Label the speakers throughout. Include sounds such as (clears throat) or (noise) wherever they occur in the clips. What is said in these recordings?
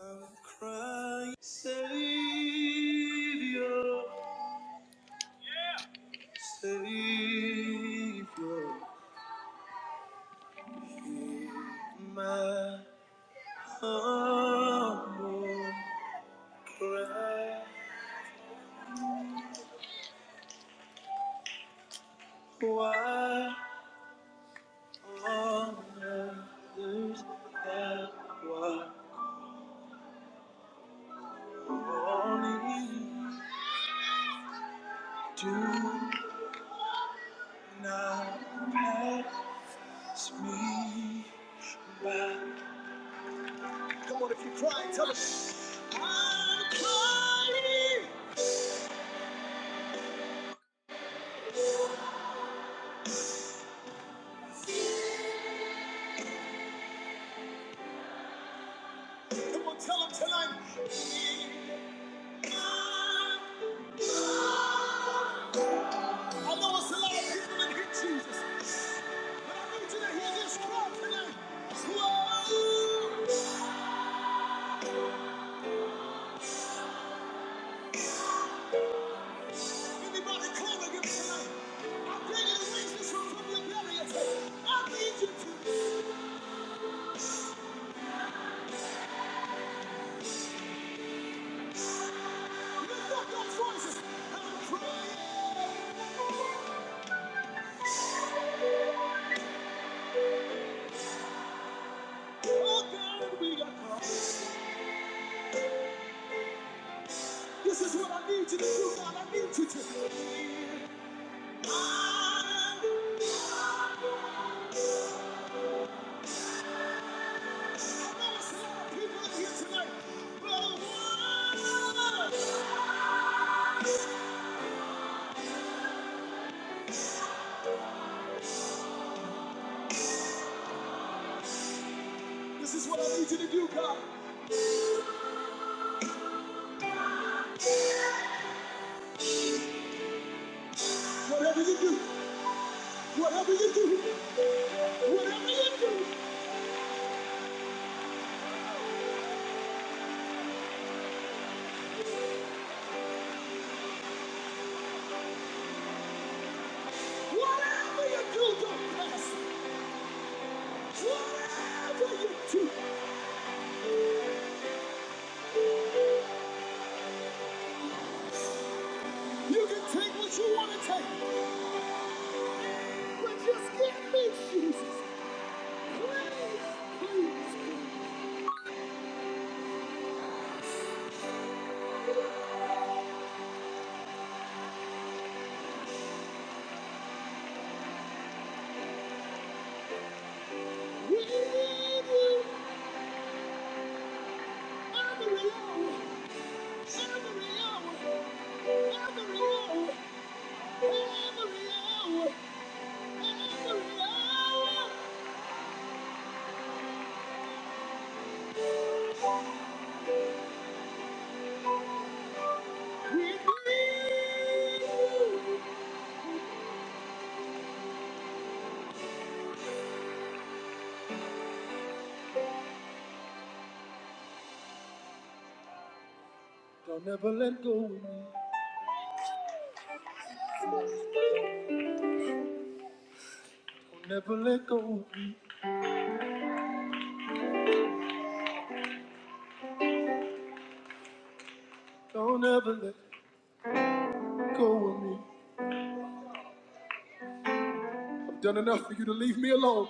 Speaker 1: I'm crying, Savior, Savior, hear my humble cry. Why on others have I only do not pass me by? Come on, if you cry, tell us. Crying. Come on, tell him tonight. I know it's a lot of people that here, Jesus, but I need you to hear this cry tonight. Whoa! Anybody calling him tonight? I'm bringing reasons from, from your barriers. I need you to lift up those voices. I'm crying. Oh God, we got caught. This is what I need you to do, God. I need you to. I I know it's a lot of people in here tonight, but whoa! This is what I need you to do, God. Whatever you do, whatever you do, whatever you do, whatever you do, don't pass. Whatever you do, you can take what you want to take, but just get me, Jesus. Please, please, we need you every hour, every hour, every hour, every hour, every hour. We need you. Don't ever let go of me. Don't ever let go of me. Don't ever let go of me. I've done enough for you to leave me alone.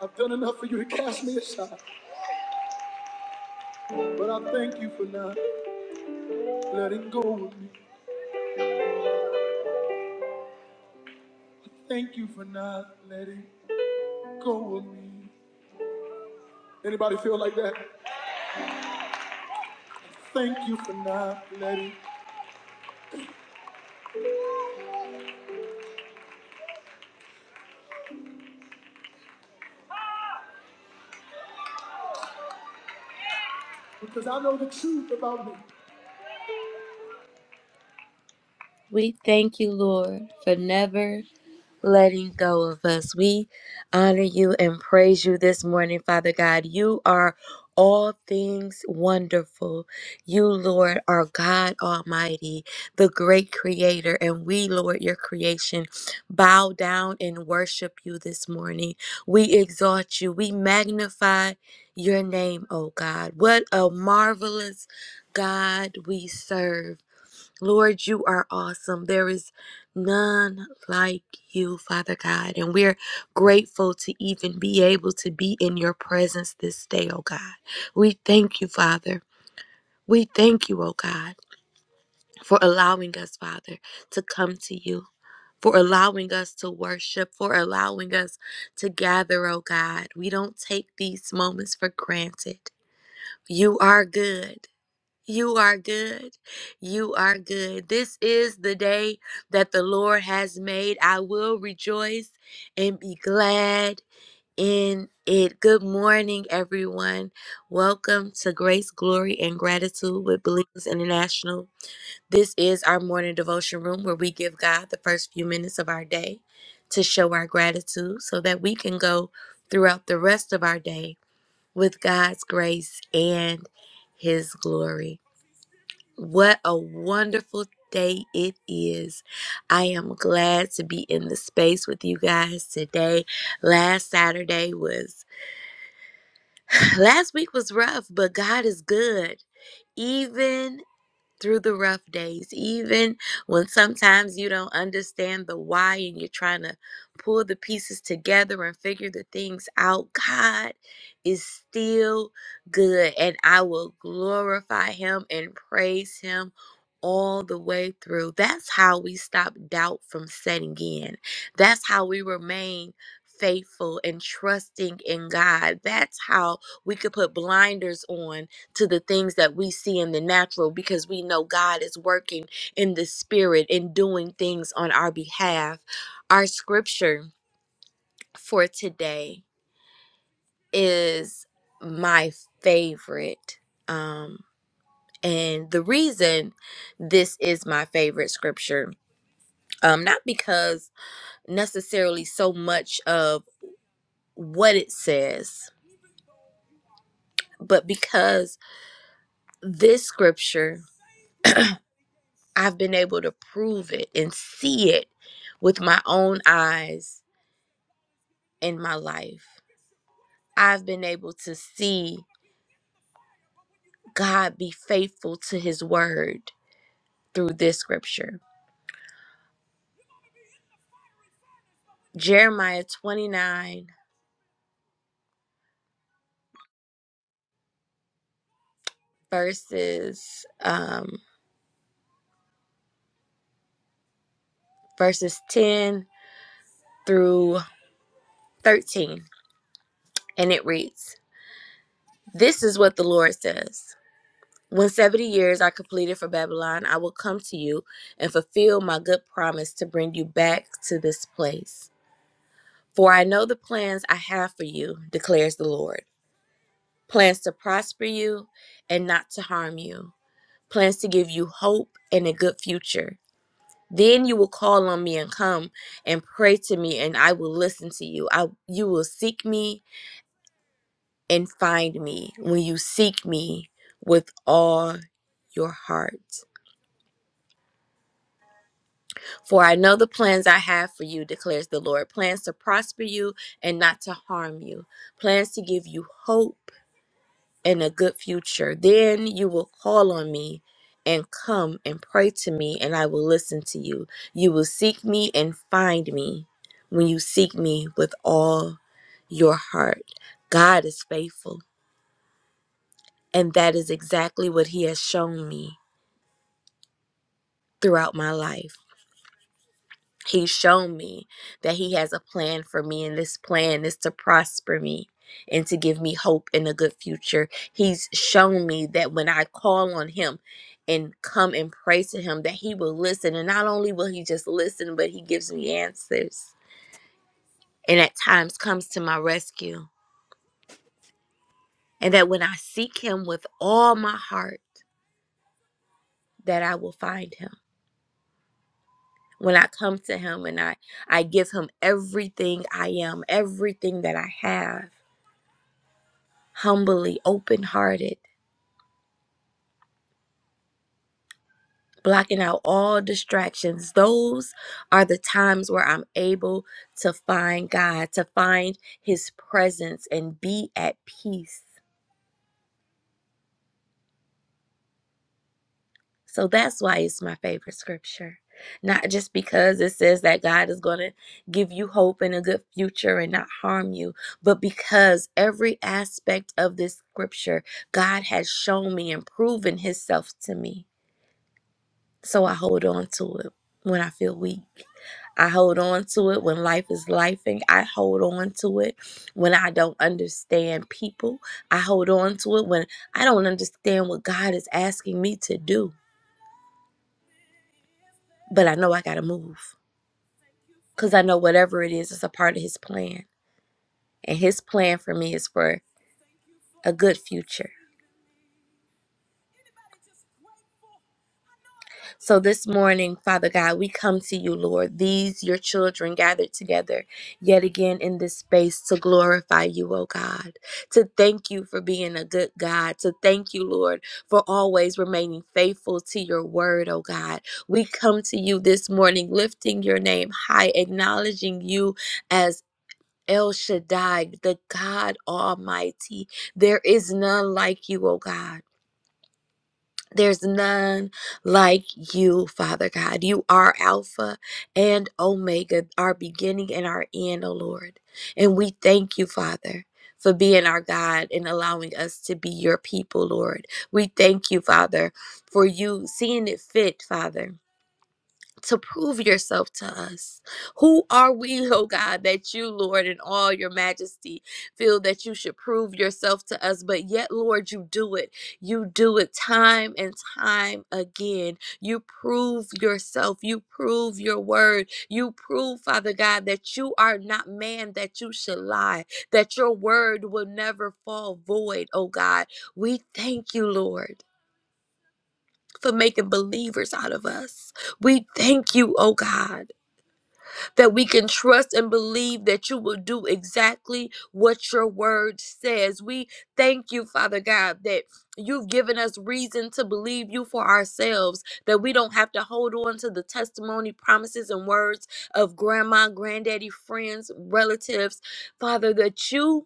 Speaker 1: I've done enough for you to cast me aside. But I thank you for not letting go of me. I thank you for not letting go of me. Anybody feel like that? Thank you for not letting because I know the truth about me. We thank you, Lord, for never letting go of us. We honor you and praise you this morning, Father God. You are all things wonderful. You, Lord, are God Almighty, the great creator, and we, Lord, your creation, bow down and worship you this morning. We exalt you. We magnify your name, oh God. What a marvelous God we serve. Lord, you are awesome. There is none like you, Father God. And we're grateful to even be able to be in your presence this day, oh God. We thank you, Father. We thank you, oh God, for allowing us, Father, to come to you. For allowing us to worship, for allowing us to gather, oh God. We don't take these moments for granted. You are good. You are good. You are good. This is the day that the Lord has made. I will rejoice and be glad in it. Good morning, everyone. Welcome to Grace, Glory, and Gratitude with Believers International. This is our morning devotion room where we give God the first few minutes of our day to show our gratitude so that we can go throughout the rest of our day with God's grace and His glory. What a wonderful day it is. I am glad to be in the space with you guys today. Last Saturday was, (sighs) last week was rough, but God is good. Even through the rough days, even when sometimes you don't understand the why and you're trying to pull the pieces together and figure the things out, God is still good. And I will glorify Him and praise Him all the way through. That's how we stop doubt from setting in, that's how we remain. Faithful and trusting in God. That's how we could put blinders on to the things that we see in the natural because we know God is working in the spirit and doing things on our behalf. Our scripture for today is my favorite. Um, and the reason this is my favorite scripture, um, not because necessarily so much of what it says, but because this scripture I've been able to prove it and see it with my own eyes in my life. I've been able to see God be faithful to his word through this scripture. Jeremiah 29 verses um verses 10 through 13 and it reads, "This is what the Lord says: When 70 years are completed for Babylon, I will come to you and fulfill my good promise to bring you back to this place. For I know the plans I have for you, declares the Lord plans to prosper you and not to harm you, plans to give you hope and a good future. Then you will call on me and come and pray to me, and I will listen to you. I, you will seek me and find me when you seek me with all your heart. For I know the plans I have for you, declares the Lord plans to prosper you and not to harm you, plans to give you hope and a good future. Then you will call on me and come and pray to me, and I will listen to you. You will seek me and find me when you seek me with all your heart. God is faithful, and that is exactly what He has shown me throughout my life. He's shown me that He has a plan for me, and this plan is to prosper me and to give me hope in a good future. He's shown me that when I call on Him and come and pray to Him, that He will listen. And not only will He just listen, but He gives me answers and at times comes to my rescue. And that when I seek Him with all my heart, that I will find Him. When I come to Him and I, I give Him everything I am, everything that I have humbly, open hearted, blocking out all distractions. Those are the times where I'm able to find God, to find His presence and be at peace. So that's why it's my favorite scripture. Not just because it says that God is going to give you hope and a good future and not harm you, but because every aspect of this scripture, God has shown me and proven Himself to me. So I hold on to it when I feel weak. I hold on to it when life is lifing. I hold on to it when I don't understand people. I hold on to it when I don't understand what God is asking me to do. But I know I got to move because I know whatever it is, it's a part of His plan. And His plan for me is for a good future. So this morning, Father God, we come to you, Lord. These, your children, gathered together yet again in this space to glorify you, oh God, to thank you for being a good God, to thank you, Lord, for always remaining faithful to your word, oh God. We come to you this morning, lifting your name high, acknowledging you as. El Shaddai, the God Almighty. There is none like you, oh God. There's none like you, Father God. You are Alpha and Omega, our beginning and our end, O Lord. And we thank you, Father. For being our God and allowing us to be your people, Lord. We thank you, Father, for you seeing it fit, Father to prove yourself to us. Who are we, oh God, that you, Lord, in all your majesty, feel that you should prove yourself to us? But yet, Lord, you do it. You do it time and time again. You prove yourself. You prove your word. You prove, Father God, that you are not man that you should lie, that your word will never fall void, oh God. We thank you, Lord, for making believers out of us. We thank you, oh God that we can trust and believe that you will do exactly what your word says. We thank you, Father God, that you've given us reason to believe you for ourselves, that we don't have to hold on to the testimony, promises, and words of grandma, granddaddy, friends, relatives. Father, that you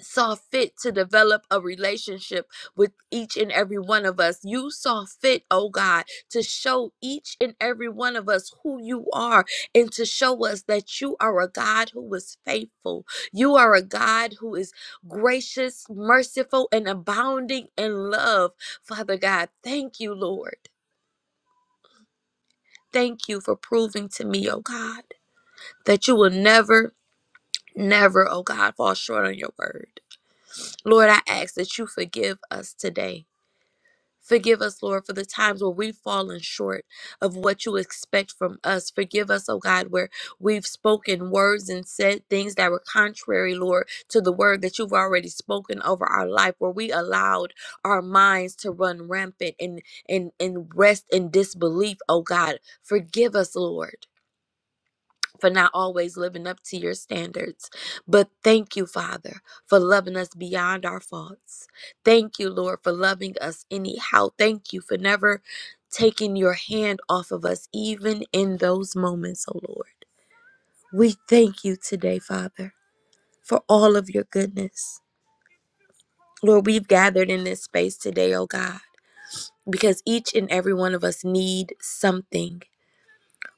Speaker 1: saw fit to develop a relationship with each and every one of us. You saw fit, oh God, to show each and every one of us who you are and to show us that you are a God who is faithful. You are a God who is gracious, merciful, and abounding in love. Father God, thank you, Lord. Thank you for proving to me, oh God, that you will never, never, oh God, fall short on your word. Lord, I ask that you forgive us today Forgive us, Lord, for the times where we've fallen short of what you expect from us. Forgive us, oh God, where we've spoken words and said things that were contrary, Lord, to the word that you've already spoken over our life, where we allowed our minds to run rampant and and, and rest in disbelief, oh God. Forgive us, Lord for not always living up to your standards. But thank you, Father, for loving us beyond our faults. Thank you, Lord, for loving us anyhow. Thank you for never taking your hand off of us, even in those moments, oh Lord. We thank you today, Father, for all of your goodness. Lord, we've gathered in this space today, oh God, because each and every one of us need something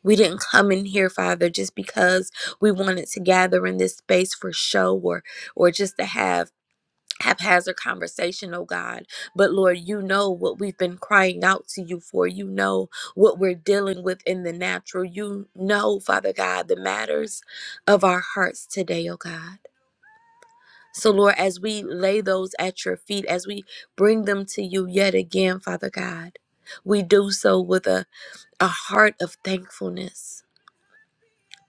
Speaker 1: We didn't come in here, Father, just because we wanted to gather in this space for show or or just to have haphazard conversation, oh God. But Lord, you know what we've been crying out to you for. You know what we're dealing with in the natural. You know, Father God, the matters of our hearts today, oh God. So, Lord, as we lay those at your feet, as we bring them to you yet again, Father God, we do so with a, a heart of thankfulness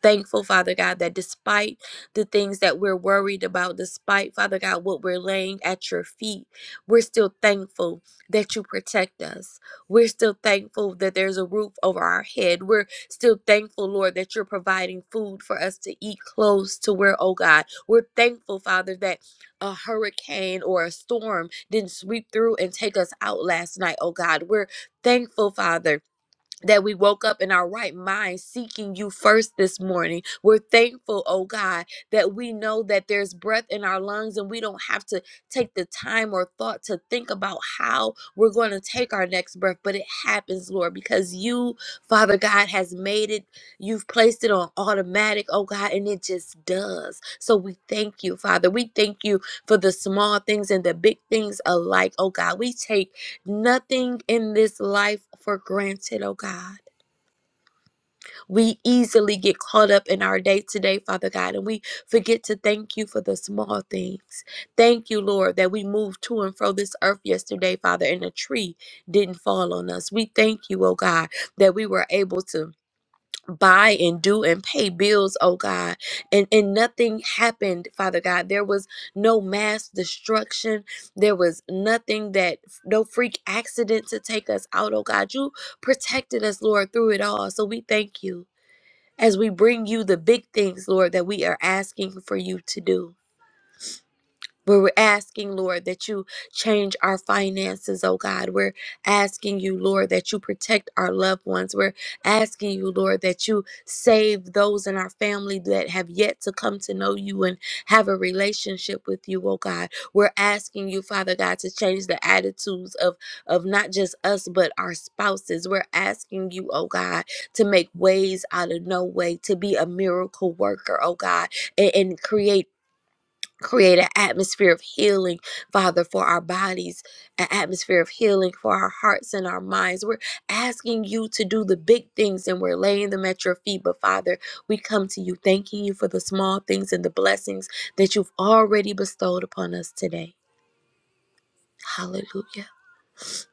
Speaker 1: Thankful, Father God, that despite the things that we're worried about, despite, Father God, what we're laying at your feet, we're still thankful that you protect us. We're still thankful that there's a roof over our head. We're still thankful, Lord, that you're providing food for us to eat close to where, oh God. We're thankful, Father, that a hurricane or a storm didn't sweep through and take us out last night, oh God. We're thankful, Father that we woke up in our right mind seeking you first this morning. We're thankful, oh God, that we know that there's breath in our lungs and we don't have to take the time or thought to think about how we're going to take our next breath, but it happens, Lord, because you, Father God, has made it. You've placed it on automatic, oh God, and it just does. So we thank you, Father. We thank you for the small things and the big things alike, oh God. We take nothing in this life for granted, oh God. We easily get caught up in our day to day, Father God, and we forget to thank you for the small things. Thank you, Lord, that we moved to and fro this earth yesterday, Father, and a tree didn't fall on us. We thank you, oh God, that we were able to buy and do and pay bills oh god and and nothing happened father god there was no mass destruction there was nothing that no freak accident to take us out oh god you protected us lord through it all so we thank you as we bring you the big things lord that we are asking for you to do but we're asking, Lord, that you change our finances, oh God. We're asking you, Lord, that you protect our loved ones. We're asking you, Lord, that you save those in our family that have yet to come to know you and have a relationship with you, oh God. We're asking you, Father God, to change the attitudes of, of not just us, but our spouses. We're asking you, oh God, to make ways out of no way, to be a miracle worker, oh God, and, and create Create an atmosphere of healing, Father, for our bodies, an atmosphere of healing for our hearts and our minds. We're asking you to do the big things and we're laying them at your feet. But Father, we come to you thanking you for the small things and the blessings that you've already bestowed upon us today. Hallelujah.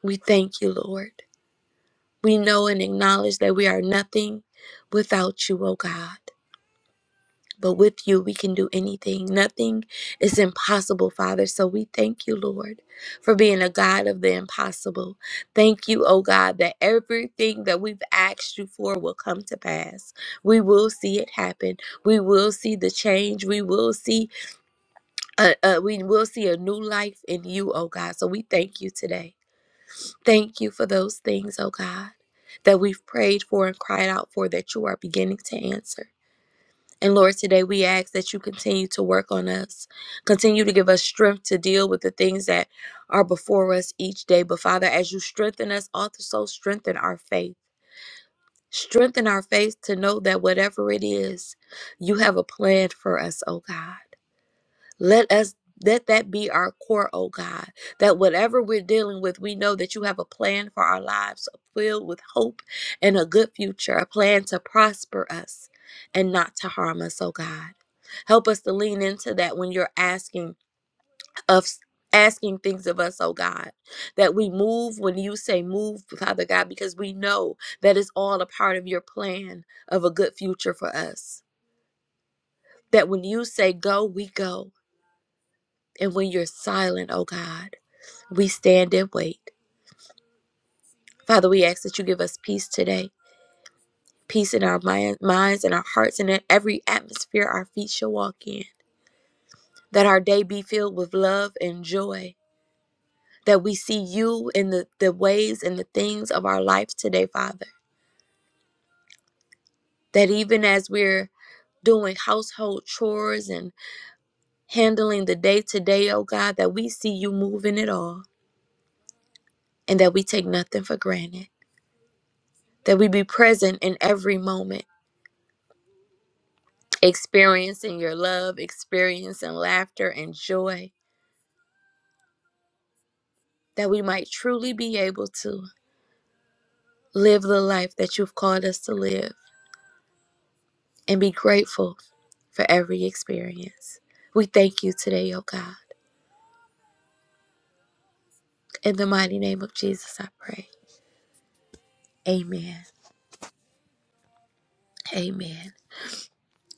Speaker 1: We thank you, Lord. We know and acknowledge that we are nothing without you, O God. But with you, we can do anything. Nothing is impossible, Father. So we thank you, Lord, for being a God of the impossible. Thank you, oh God, that everything that we've asked you for will come to pass. We will see it happen. We will see the change. We will see uh, uh, we will see a new life in you, oh God. So we thank you today. Thank you for those things, oh God, that we've prayed for and cried out for that you are beginning to answer. And Lord, today we ask that you continue to work on us, continue to give us strength to deal with the things that are before us each day. But Father, as you strengthen us, also strengthen our faith. Strengthen our faith to know that whatever it is, you have a plan for us, oh God. Let us let that be our core, oh God, that whatever we're dealing with, we know that you have a plan for our lives filled with hope and a good future, a plan to prosper us and not to harm us, oh God. Help us to lean into that when you're asking of asking things of us, oh God, that we move when you say move, Father God, because we know that is all a part of your plan of a good future for us. That when you say go, we go. And when you're silent, oh God. We stand and wait. Father, we ask that you give us peace today, peace in our mind, minds and our hearts and in every atmosphere our feet shall walk in. That our day be filled with love and joy. That we see you in the, the ways and the things of our life today, Father. That even as we're doing household chores and handling the day to day, oh God, that we see you moving it all and that we take nothing for granted. That we be present in every moment experiencing your love, experiencing laughter and joy, that we might truly be able to live the life that you've called us to live and be grateful for every experience. We thank you today, oh God. In the mighty name of Jesus, I pray. Amen. Amen.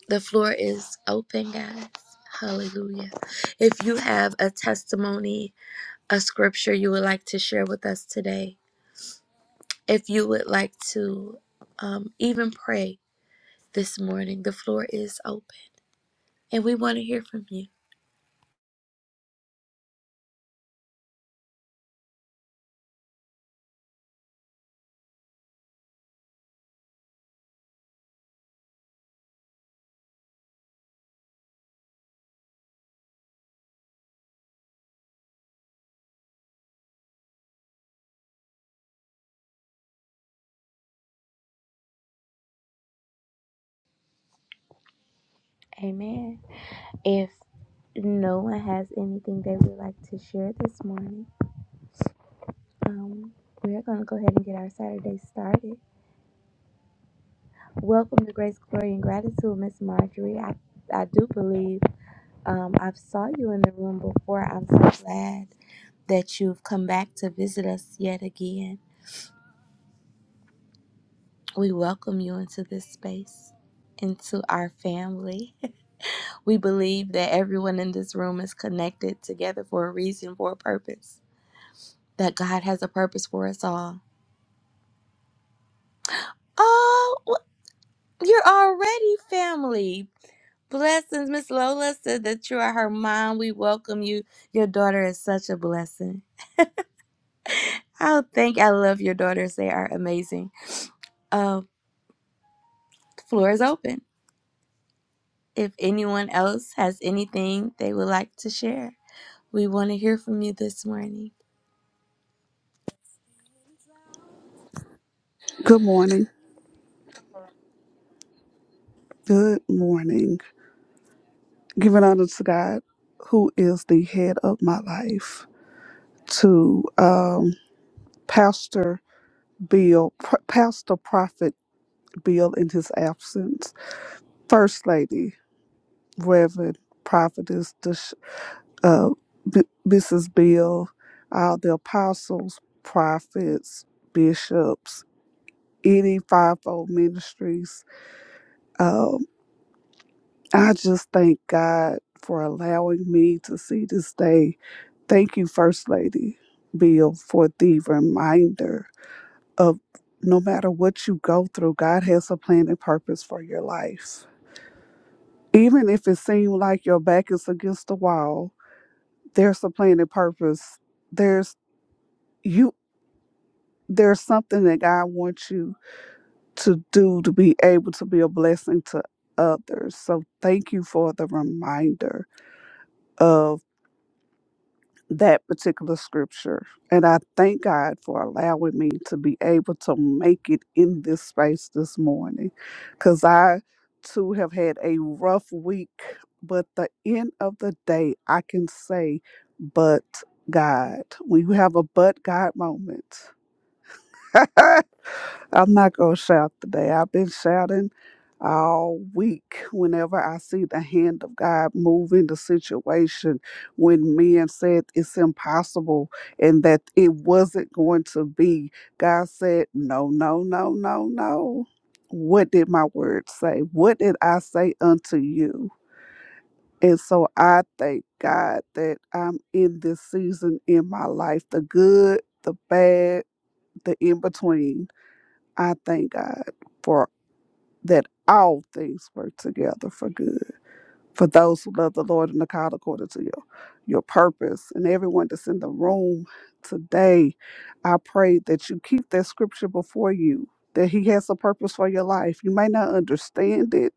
Speaker 1: The floor is open, guys. Hallelujah. If you have a testimony, a scripture you would like to share with us today, if you would like to um, even pray this morning. The floor is open and we want to hear from you. Amen. If no one has anything they would like to share this morning, um, we're going to go ahead and get our Saturday started. Welcome to Grace, Glory, and Gratitude, Miss Marjorie. I, I do believe um, I've saw you in the room before. I'm so glad that you've come back to visit us yet again. We welcome you into this space, into our family. (laughs) We believe that everyone in this room is connected together for a reason, for a purpose, that God has a purpose for us all. Oh, wh- you're already family. Blessings, Miss Lola said that you are her mom. We welcome you. Your daughter is such a blessing. Oh, thank I love your daughters. They are amazing. Uh, the floor is open. If anyone else has anything they would like to share, we want to hear from you this morning.
Speaker 2: Good morning. Good morning. Giving honor to God, who is the head of my life, to um, Pastor Bill, P- Pastor Prophet Bill in his absence, First Lady, Reverend Prophetess Dish- uh, B- Mrs. Bill, uh, the apostles, prophets, bishops, any fivefold ministries. Um, I just thank God for allowing me to see this day Thank you, First Lady Bill, for the reminder of no matter what you go through, God has a plan and purpose for your life. Even if it seems like your back is against the wall, there's a plan and purpose. There's you there's something that God wants you to do to be able to be a blessing to others. So thank you for the reminder of that particular scripture. And I thank God for allowing me to be able to make it in this space this morning. Because I too have had a rough week, but the end of the day, I can say, but God. When you have a but God moment, (laughs) I'm not going to shout today. I've been shouting all week whenever I see the hand of God move in the situation when men said it's impossible and that it wasn't going to be. God said, No, no, no, no, no. What did my word say? What did I say unto you? And so I thank God that I'm in this season in my life the good, the bad, the in between I thank God for that all things work together for good. For those who love the Lord and are called according to your, your purpose. And everyone that's in the room today, I pray that you keep that scripture before you, that He has a purpose for your life. You may not understand it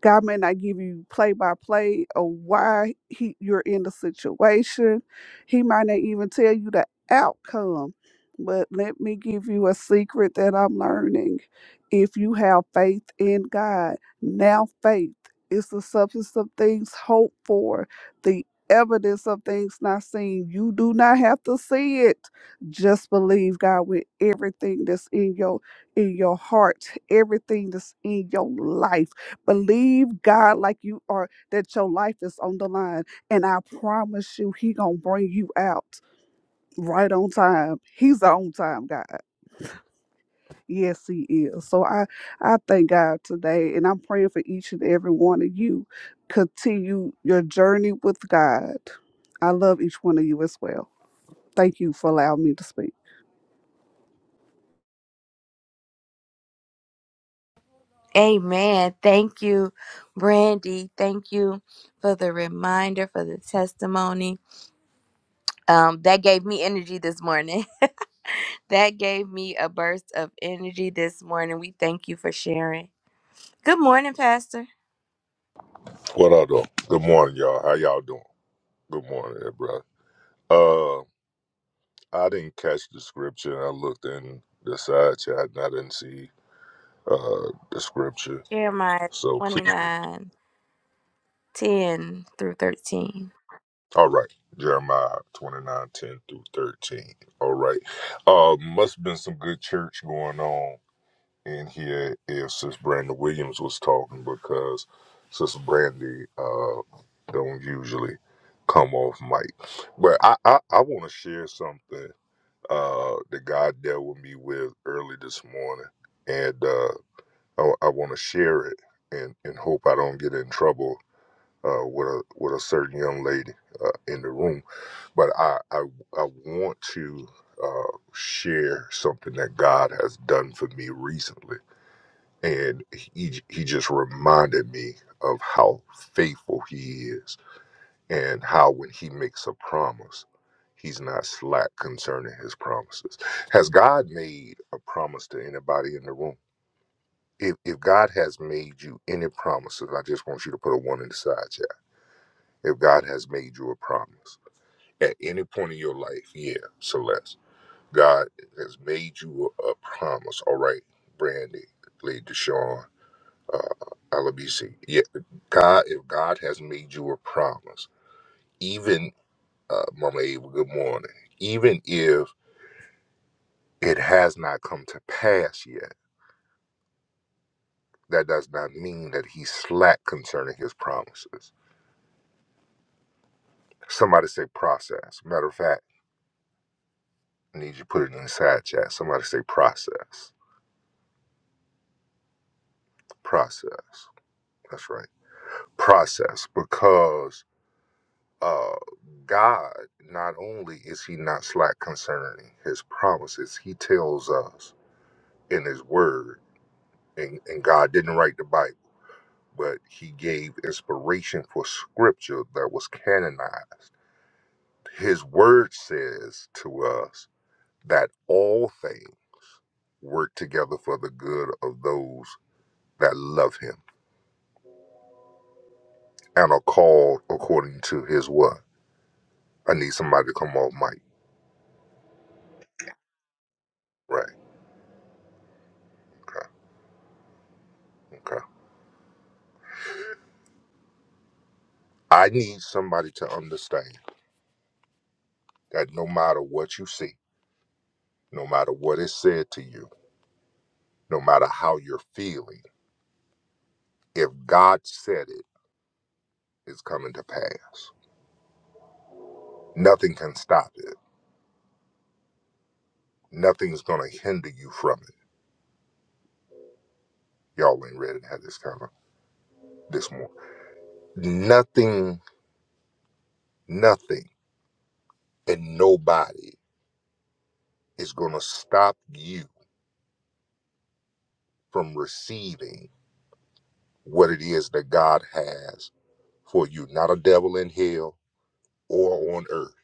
Speaker 2: God may not give you play by play of why he, you're in the situation. He might not even tell you the outcome. But let me give you a secret that I'm learning. If you have faith in God, now faith is the substance of things hoped for, the evidence of things not seen. You do not have to see it. Just believe God with everything that's in your in your heart, everything that's in your life Believe God like you are that your life is on the line. And I promise you, He gonna bring you out right on time. He's the on time God. Yes, He is. So I I thank God today, and I'm praying for each and every one of you. Continue your journey with God. I love each one of you as well. Thank you for allowing me to speak.
Speaker 1: Amen. Thank you, Brandy. Thank you for the reminder, for the testimony. Um, that gave me energy this morning. (laughs) that gave me a burst of energy this morning. We thank you for sharing. Good morning, Pastor.
Speaker 3: What up, though? Good morning, y'all. How y'all doing? Good morning, eh, brother. Uh, I didn't catch the scripture. I looked in the side chat and I didn't see uh the scripture.
Speaker 1: Jeremiah
Speaker 3: So please,
Speaker 1: 29, 10 through 13.
Speaker 3: all right, Jeremiah twenty nine ten through thirteen. All right, uh, must have been some good church going on in here if Sis Brandy Williams was talking because Sister Brandy uh don't usually come off mic, but I I, I want to share something uh, that God dealt with me with early this morning, and uh, I, I want to share it and, and hope I don't get in trouble uh, with a with a certain young lady uh, in the room. But I I, I want to uh, share something that God has done for me recently, and he he just reminded me of how faithful He is and how when he makes a promise, he's not slack concerning his promises. Has God made a promise to anybody in the room? If, if God has made you any promises, I just want you to put a one in the side chat. If God has made you a promise at any point in your life, yeah, Celeste, God has made you a, a promise. All right, Brandy, Lady Deshawn, uh, LBC. Yeah, God, if God has made you a promise, even. uh, Mama Eva, good morning. Even if it has not come to pass yet, that does not mean that he's slack concerning his promises. Somebody say process. Matter of fact, I need you to put it in the side chat. Somebody say process. Process. That's right. Process. Because uh, God, not only is he not slack concerning his promises, he tells us in his word, and, and God didn't write the Bible. but he gave inspiration for scripture that was canonized. His word says to us that all things work together for the good of those that love him and are called according to his what? I need somebody to come off mic. Right. Okay. Okay. I need somebody to understand that no matter what you see, no matter what is said to you, no matter how you're feeling, if God said it, it's coming to pass. Nothing can stop it. Nothing's gonna hinder you from it. Y'all ain't ready to have this kind of this more. Nothing, nothing, and nobody is gonna stop you from receiving what it is that God has for you. Not a devil in hell or on earth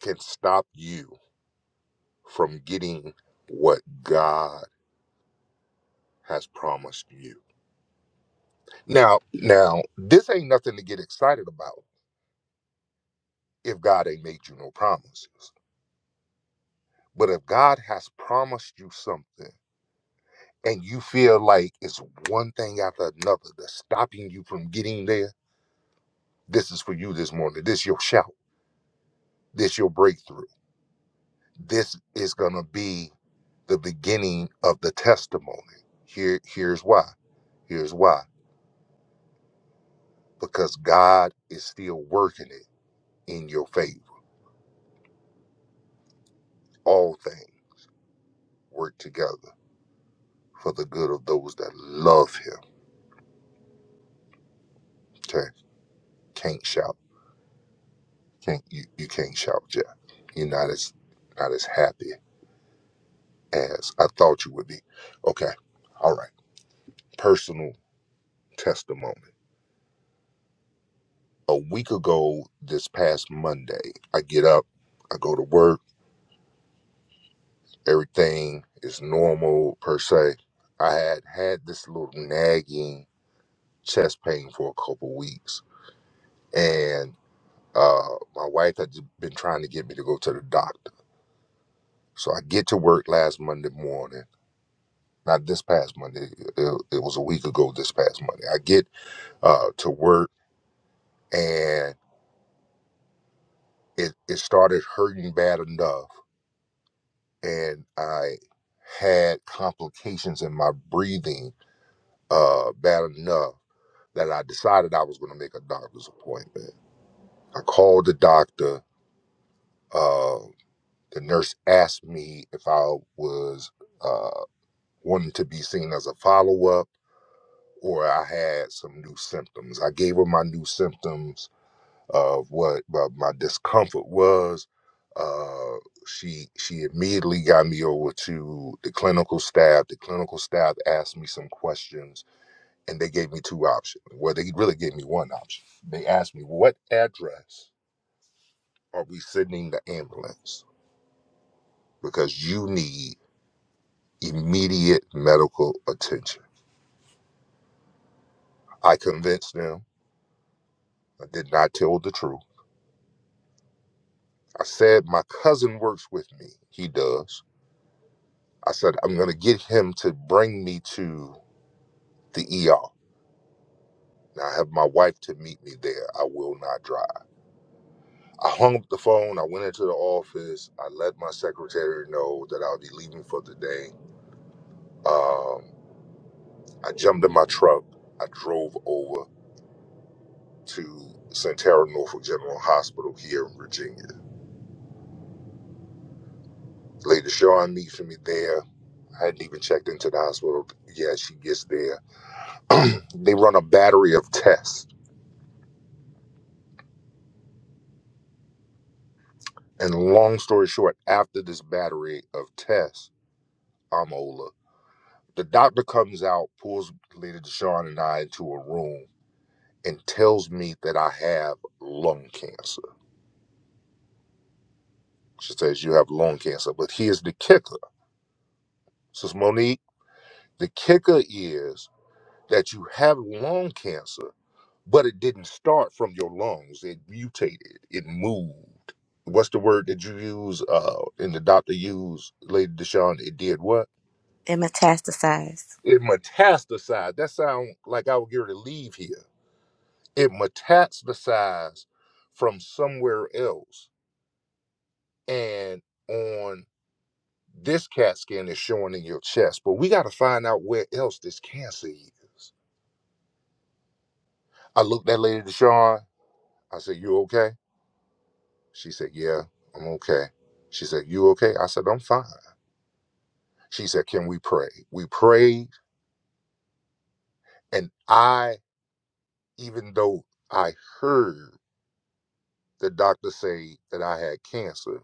Speaker 3: can stop you from getting what God has promised you. Now, now, this ain't nothing to get excited about if God ain't made you no promises. But if God has promised you something and you feel like it's one thing after another that's stopping you from getting there, this is for you this morning. This your shout. This your breakthrough. This is gonna be the beginning of the testimony. Here, here's why. Here's why. Because God is still working it in your favor. All things work together for the good of those that love Him. Okay. Can't shout. Can't you, you can't shout yet. You're not as not as happy as I thought you would be. Okay. All right. Personal testimony. A week ago this past Monday, I get up, I go to work, everything is normal per se. I had had this little nagging chest pain for a couple weeks. And uh my wife had been trying to get me to go to the doctor. So I get to work last Monday morning not this past Monday. It, it was a week ago. This past Monday, I get uh, to work and it it started hurting bad enough, and I had complications in my breathing uh, bad enough that I decided I was going to make a doctor's appointment. I called the doctor. Uh, the nurse asked me if I was uh, wanting to be seen as a follow up or I had some new symptoms. I gave her my new symptoms of what uh, my discomfort was. Uh, she she immediately got me over to the clinical staff. The clinical staff asked me some questions, and they gave me two options. Well, they really gave me one option. They asked me what address are we sending the ambulance because you need immediate medical attention. I convinced them. I did not tell the truth. I said my cousin works with me. He does. I said, I'm going to get him to bring me to the ER. Now I have my wife to meet me there. I will not drive. I hung up the phone. I went into the office. I let my secretary know that I'll be leaving for the day. Um, I jumped in my truck. I drove over to Centerra Norfolk General Hospital here in Virginia. Lady Shawn meets me there. I hadn't even checked into the hospital. Yeah, she gets there. (clears throat) they run a battery of tests And long story short, after this battery of tests, I'm Ola. The doctor comes out, pulls Lady Deshawn and I into a room and tells me that I have lung cancer. She says, You have lung cancer. But here's the kicker. Says Monique, the kicker is that you have lung cancer, but it didn't start from your lungs. It mutated, it moved. What's the word that you use? Uh, and the doctor used, Lady Deshawn, it did what?
Speaker 1: It metastasized.
Speaker 3: It metastasized. That sounds like I would get ready to leave here. It metastasized from somewhere else. And on this CAT scan is showing in your chest. But we got to find out where else this cancer is. I looked at Lady Deshawn. I said, You okay? She said, Yeah, I'm okay. She said, You okay? I said, I'm fine. She said, Can we pray? We prayed. And I, even though I heard the doctor say that I had cancer,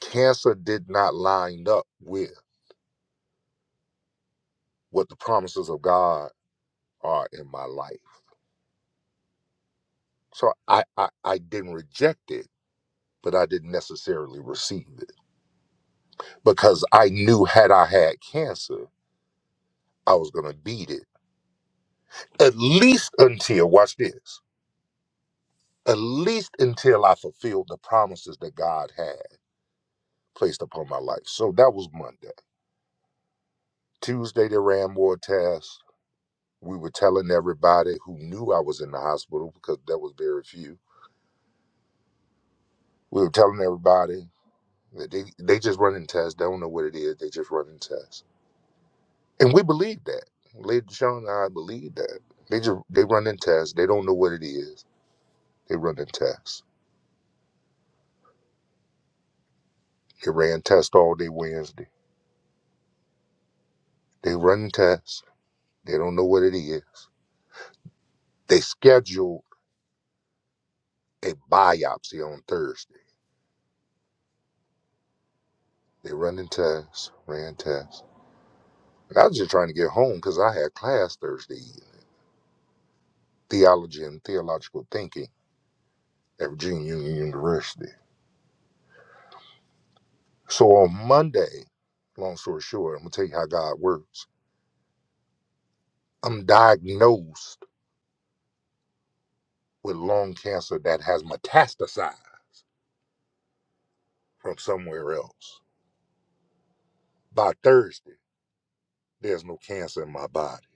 Speaker 3: cancer did not line up with what the promises of God are in my life. So I, I, I didn't reject it, but I didn't necessarily receive it because I knew had I had cancer, I was going to beat it at least until, watch this, at least until I fulfilled the promises that God had placed upon my life. So that was Monday. Tuesday, they ran more tests. We were telling everybody who knew I was in the hospital because there was very few We were telling everybody that they, they just running tests. They don't know what it is. They just running tests. And we believe that. Lady Deshaun and I believe that. They just they running tests. They don't know what it is. They running tests. They ran tests all day Wednesday. They running tests. They don't know what it is. They scheduled a biopsy on Thursday. They running tests, ran tests. And I was just trying to get home because I had class Thursday evening, theology and theological thinking at Virginia Union University. So on Monday, long story short, I'm gonna tell you how God works. I'm diagnosed with lung cancer that has metastasized from somewhere else. By Thursday, there's no cancer in my body.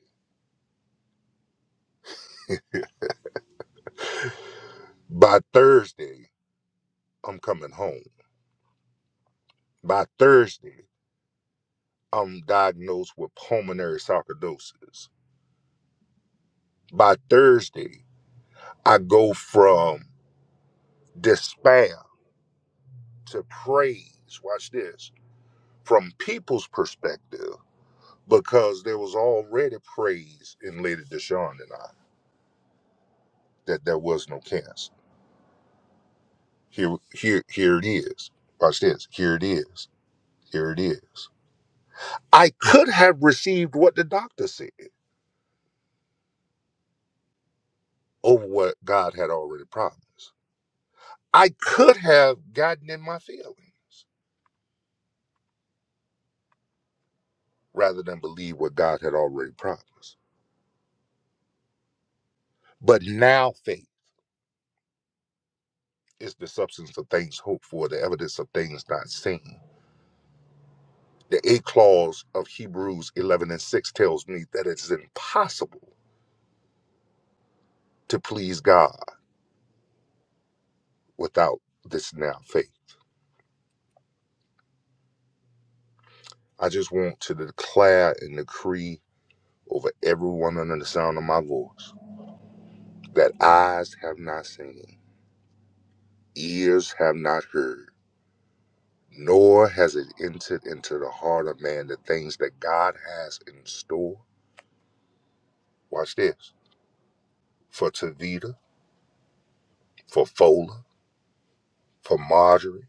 Speaker 3: By Thursday, I'm coming home. By Thursday, I'm diagnosed with pulmonary sarcoidosis. By Thursday, I go from despair to praise. Watch this. From people's perspective because there was already praise in Lady Deshawn and I that there was no cancer. Here, here, here it is. Watch this. Here it is. Here it is. I could have received what the doctor said over what God had already promised. I could have gotten in my feelings rather than believe what God had already promised. But now faith is the substance of things hoped for, the evidence of things not seen. The eighth clause of Hebrews 11 and 6 tells me that it's impossible to please God without this now faith. I just want to declare and decree over everyone under the sound of my voice that eyes have not seen, ears have not heard, nor has it entered into the heart of man the things that God has in store. Watch this for Tavita, for Fola, for Marjorie,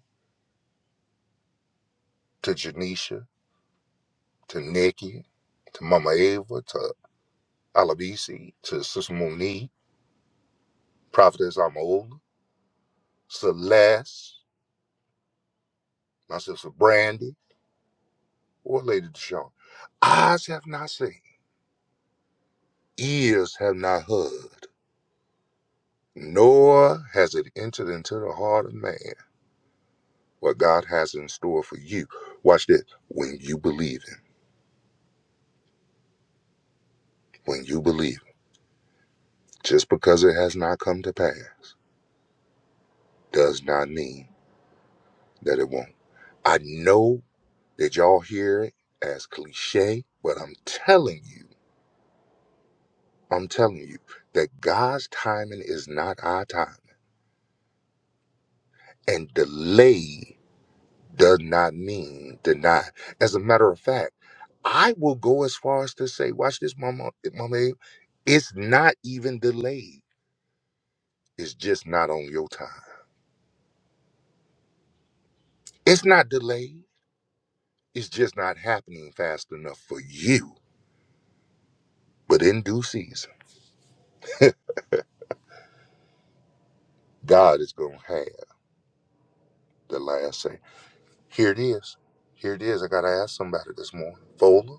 Speaker 3: to Janisha to Nikki, to Mama Ava, to Alabisi, to Sister Monique, Prophetess Amola, Celeste, my sister Brandy, or Lady Deshawn. Eyes have not seen, ears have not heard, nor has it entered into the heart of man what God has in store for you. Watch this. When you believe Him, when you believe, Him, just because it has not come to pass, does not mean that it won't. I know Did y'all hear it as cliche? But I'm telling you, I'm telling you that God's timing is not our time. And delay does not mean deny. As a matter of fact, I will go as far as to say, watch this, Mama, Mama, Abe, it's not even delayed. It's just not on your time. It's not delayed. It's just not happening fast enough for you. But in due season, God is going to have the last say. Here it is. Here it is. I got to ask somebody this morning. Fola,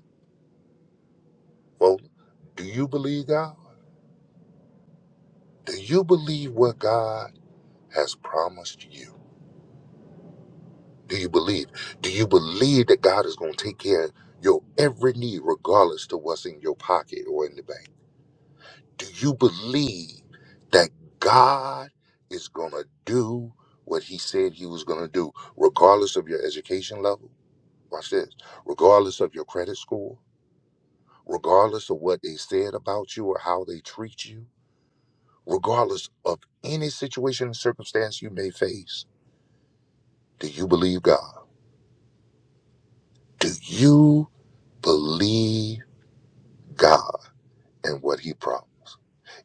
Speaker 3: Fola, do you believe God? Do you believe what God has promised you? Do you believe? Do you believe that God is going to take care of your every need, regardless to what's in your pocket or in the bank? Do you believe that God is going to do what he said he was going to do, regardless of your education level? Watch this. Regardless of your credit score, regardless of what they said about you or how they treat you, regardless of any situation and circumstance you may face, do you believe God? Do you believe God and what He promised?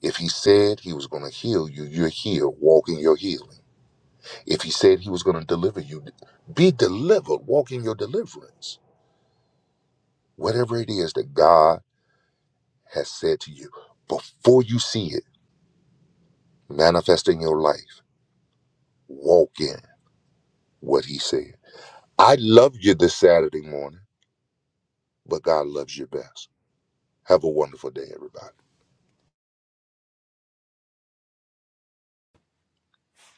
Speaker 3: If He said He was going to heal you, you're here walking your healing. If He said He was going to deliver you, be delivered, walking your deliverance. Whatever it is that God has said to you, before you see it manifest in your life, walk in what He said. I love you this Saturday morning, but God loves you best. Have a wonderful day, everybody.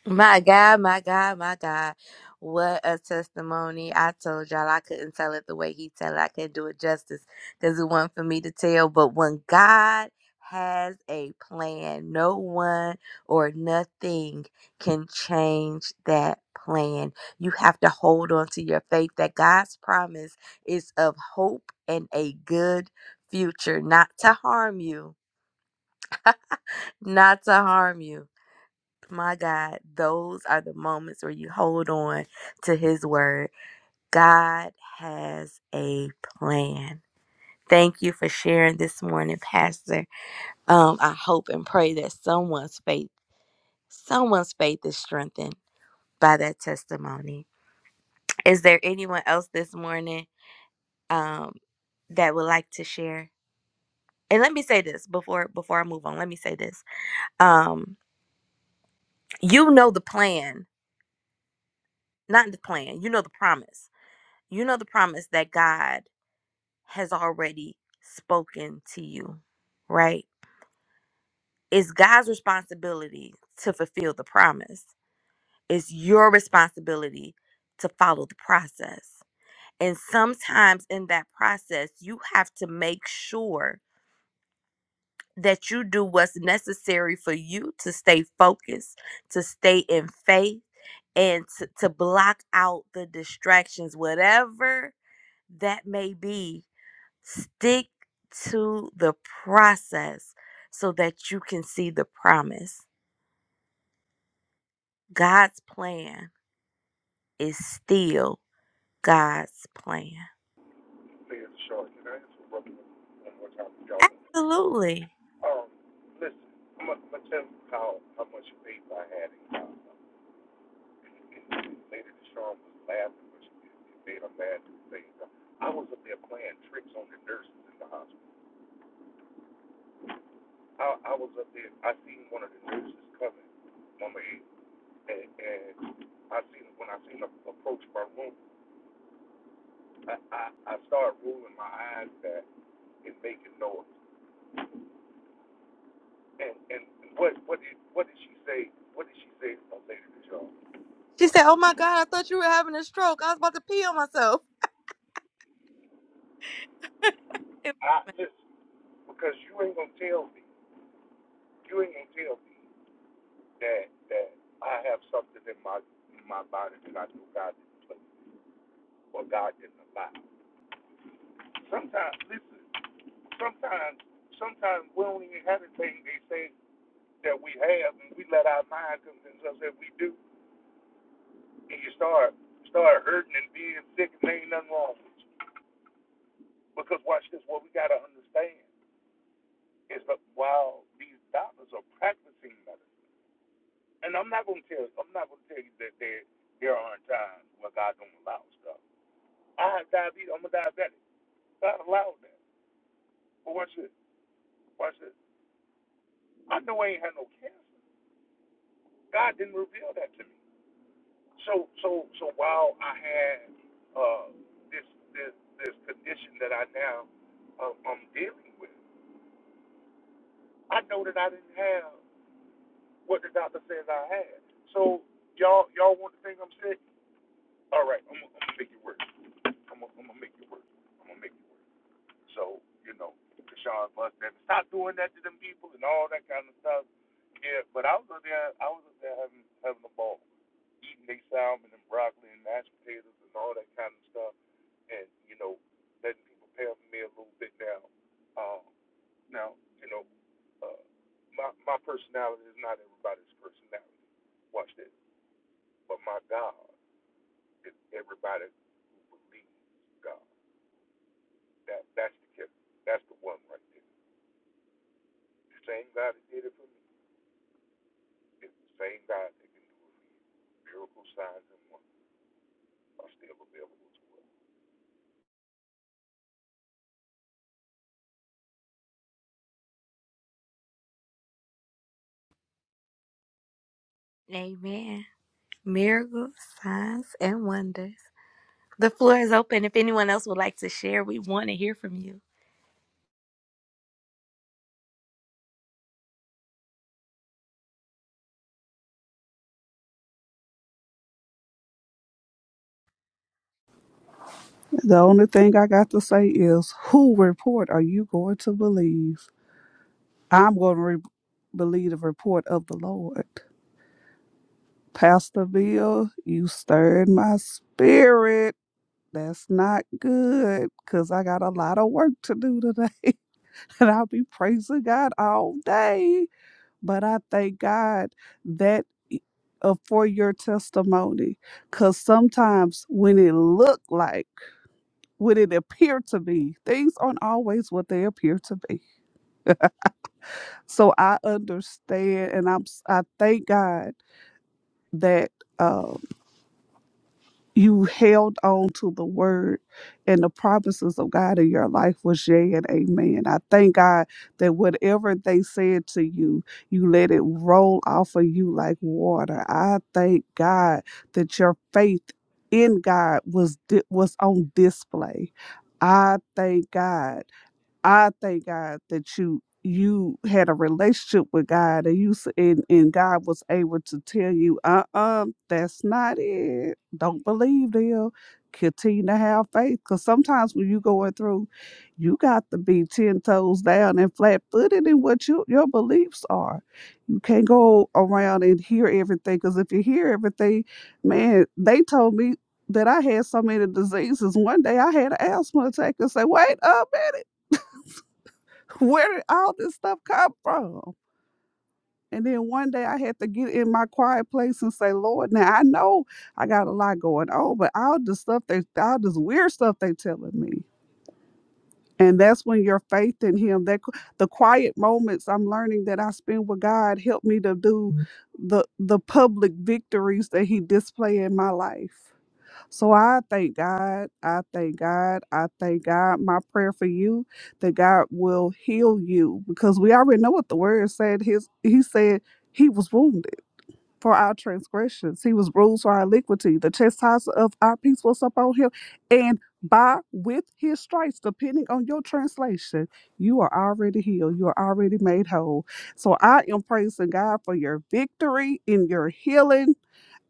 Speaker 1: My God, my God, my God. What a testimony. I told y'all I couldn't tell it the way he tell it. I couldn't do it justice because it wasn't for me to tell. But when God has a plan, no one or nothing can change that plan. You have to hold on to your faith that God's promise is of hope and a good future, not to harm you, not to harm you my God, those are the moments where you hold on to His word. God has a plan. Thank you for sharing this morning, Pastor. Um, I hope and pray that someone's faith, someone's faith is strengthened by that testimony. Is there anyone else this morning um, that would like to share? And let me say this before before I move on. Let me say this. Um, you know the plan, not the plan. You know the promise you know the promise that God has already spoken to you, right? It's God's responsibility to fulfill the promise. It's your responsibility to follow the process. And sometimes in that process, you have to make sure that you do what's necessary for you to stay focused, to stay in faith, and to, to block out the distractions, whatever that may be Stick to the process so that you can see the promise. God's plan is still God's plan. Absolutely. She said, Oh my God, I thought you were having a stroke. I was about to pee on myself. (laughs) It- Amen. miracles, signs, and wonders. The floor is open. If anyone else would like to share, we want to hear from you.
Speaker 2: The only thing I got to say is, who report are you going to believe? I'm going to re- believe the report of the Lord. Pastor Bill, you stirred my spirit. That's not good because I got a lot of work to do today. (laughs) and I'll be praising God all day. But I thank God that uh, for your testimony because sometimes when it look like, when it appear to be, things aren't always what they appear to be. So I understand and I'm, s- I thank God that. Um, you held on to the word and the promises of God in your life was yea and amen. I thank God that whatever they said to you, you let it roll off of you like water. I thank God that your faith in God was di- was on display. I thank God. I thank God that you you had a relationship with God and you s- and, and God was able to tell you, uh uh that's not it. Don't believe them. Continue to have faith. Cause sometimes when you going through, you got to be ten toes down and flat footed in what you, your beliefs are. You can't go around and hear everything. Cause if you hear everything, man, they told me that I had so many diseases. One day I had an asthma attack and say, wait a minute. Where did all this stuff come from? And then one day I had to get in my quiet place and say, Lord, now I know I got a lot going on, but all the stuff they, all this weird stuff they telling me. And that's when your faith in Him, that qu- the quiet moments I'm learning that I spend with God, help me to do the the public victories that He display in my life. So I thank God. I thank God. I thank God. My prayer for you that God will heal you because we already know what the word said. His he said he was wounded for our transgressions. He was bruised for our iniquity. The chastisement of our peace was upon him. And by with his stripes, depending on your translation, you are already healed. You are already made whole. So I am praising God for your victory in your healing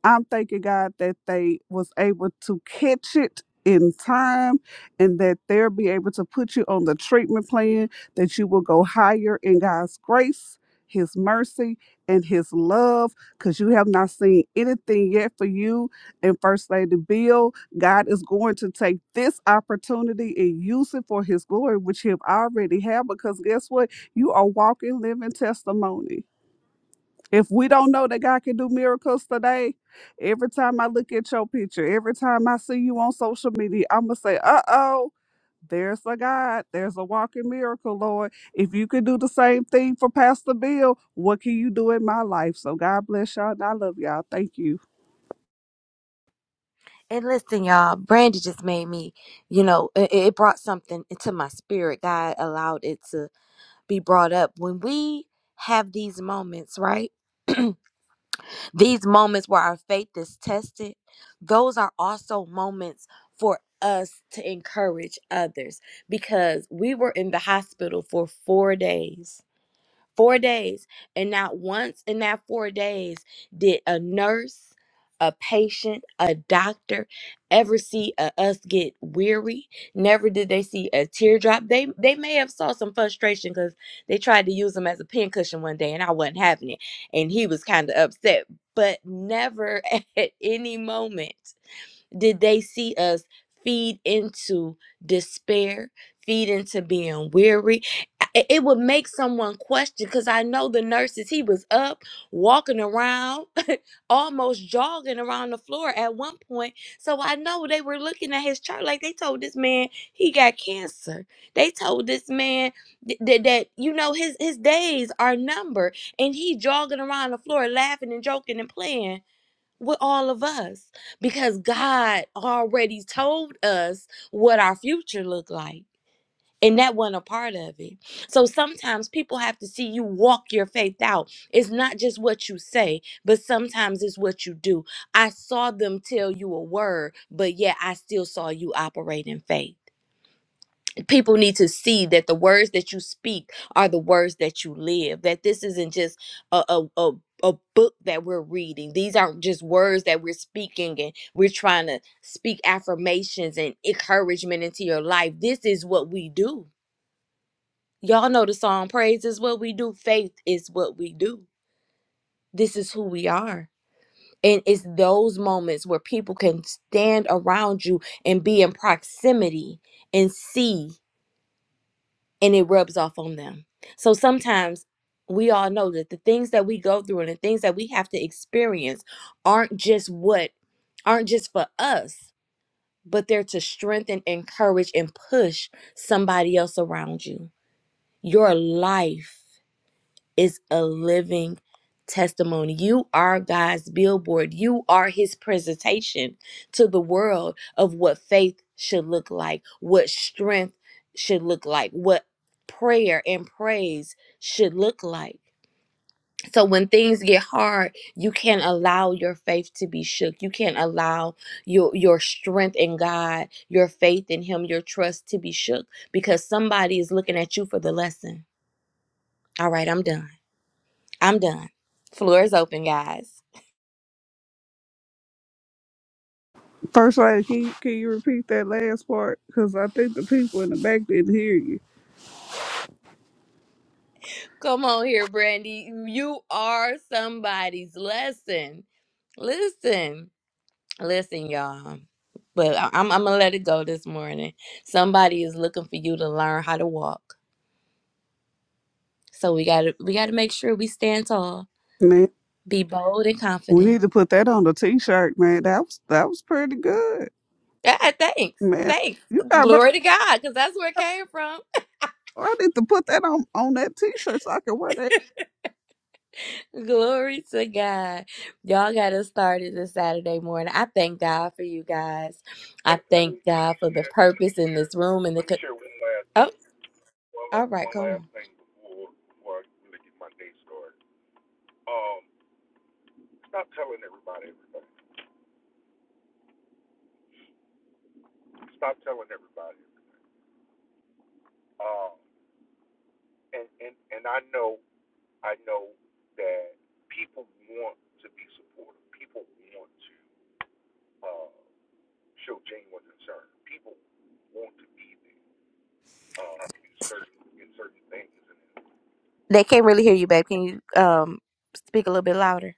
Speaker 2: I'm thanking God that they was able to catch it in time and that they'll be able to put you on the treatment plan that you will go higher in God's grace, his mercy, and his love because you have not seen anything yet for you and First Lady Bill. God is going to take this opportunity and use it for his glory, which he have already had because guess what? You are walking, living testimony. If we don't know that God can do miracles today, every time I look at your picture, every time I see you on social media, I'm going to say, uh oh, there's a God. There's a walking miracle, Lord. If you could do the same thing for Pastor Bill, what can you do in my life? So God bless y'all and I love y'all. Thank you.
Speaker 1: And listen, y'all, Brandy just made me, you know, it, it brought something into my spirit. God allowed it to be brought up. When we have these moments, right? These moments where our faith is tested, those are also moments for us to encourage others because we were in the hospital for four days. Four days. And not once in that four days did a nurse, a patient, a doctor ever see a, us get weary. Never did they see a teardrop. They they may have saw some frustration because they tried to use him as a pincushion one day and I wasn't having it. And he was kind of upset. But never (laughs) at any moment did they see us feed into despair, feed into being weary? I- It would make someone question because I know the nurses, he was up, walking around, (laughs) almost jogging around the floor at one point. So I know they were looking at his chart like they told this man he got cancer. They told this man th- th- that, you know, his, his days are numbered and he jogging around the floor laughing and joking and playing with all of us because God already told us what our future looked like. And that wasn't a part of it. So sometimes people have to see you walk your faith out. It's not just what you say, but sometimes it's what you do. I saw them tell you a word, but yet I still saw you operate in faith people need to see that the words that you speak are the words that you live that this isn't just a a, a a book that we're reading these aren't just words that we're speaking and we're trying to speak affirmations and encouragement into your life this is what we do y'all know the song praise is what we do faith is what we do this is who we are and it's those moments where people can stand around you and be in proximity and see and it rubs off on them. So sometimes we all know that the things that we go through and the things that we have to experience aren't just what aren't just for us, but they're to strengthen, encourage, and push somebody else around you. Your life is a living testimony. You are God's billboard. You are his presentation to the world of what faith should look like, what strength should look like, what prayer and praise should look like. So when things get hard, you can't allow your faith to be shook. You can't allow your your strength in God, your faith in him, your trust to be shook because somebody is looking at you for the lesson. All right, I'm done. I'm done. Floor is open, guys.
Speaker 2: First lady, can you, can you repeat that last part? Because I think the people in the back didn't hear you.
Speaker 1: Come on here, Brandy. You are somebody's lesson. Listen, listen, y'all. But I- I'm, I'm gonna let it go this morning. Somebody is looking for you to learn how to walk. So we gotta we gotta make sure we stand tall,
Speaker 2: Man,
Speaker 1: be bold and
Speaker 2: we need
Speaker 1: confident.
Speaker 2: to put that on the t shirt, man. That was that was pretty good.
Speaker 1: Yeah, thanks,
Speaker 2: Man,
Speaker 1: thanks.
Speaker 2: you got
Speaker 1: Glory to God, because that's where it came from.
Speaker 2: I need to put that on on that t-shirt so I can wear that
Speaker 1: Glory to God. Y'all got us started this Saturday morning. I thank God for you guys. I thank God for the purpose in this room and the co- Oh, all right, come on. They can't really hear you, babe. Can you um speak a little bit louder?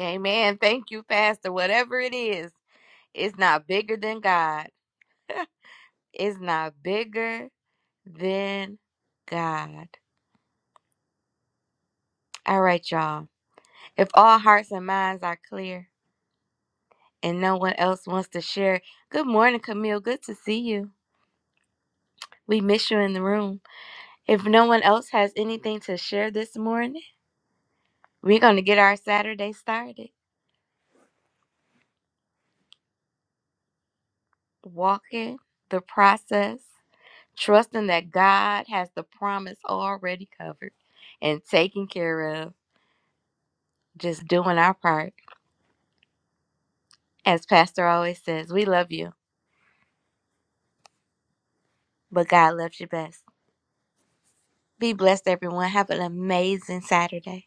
Speaker 1: Amen. Thank you, Pastor. Whatever it is, it's not bigger than God. (laughs) It's not bigger than God. All right, y'all. If all hearts and minds are clear, and no one else wants to share. Good morning, Camille. Good to see you. We miss you in the room. If no one else has anything to share this morning, we're going to get our Saturday started. Walking the process, trusting that God has the promise already covered and taken care of, just doing our part. As Pastor always says, we love you, but God loves you best. Be blessed, everyone. Have an amazing Saturday.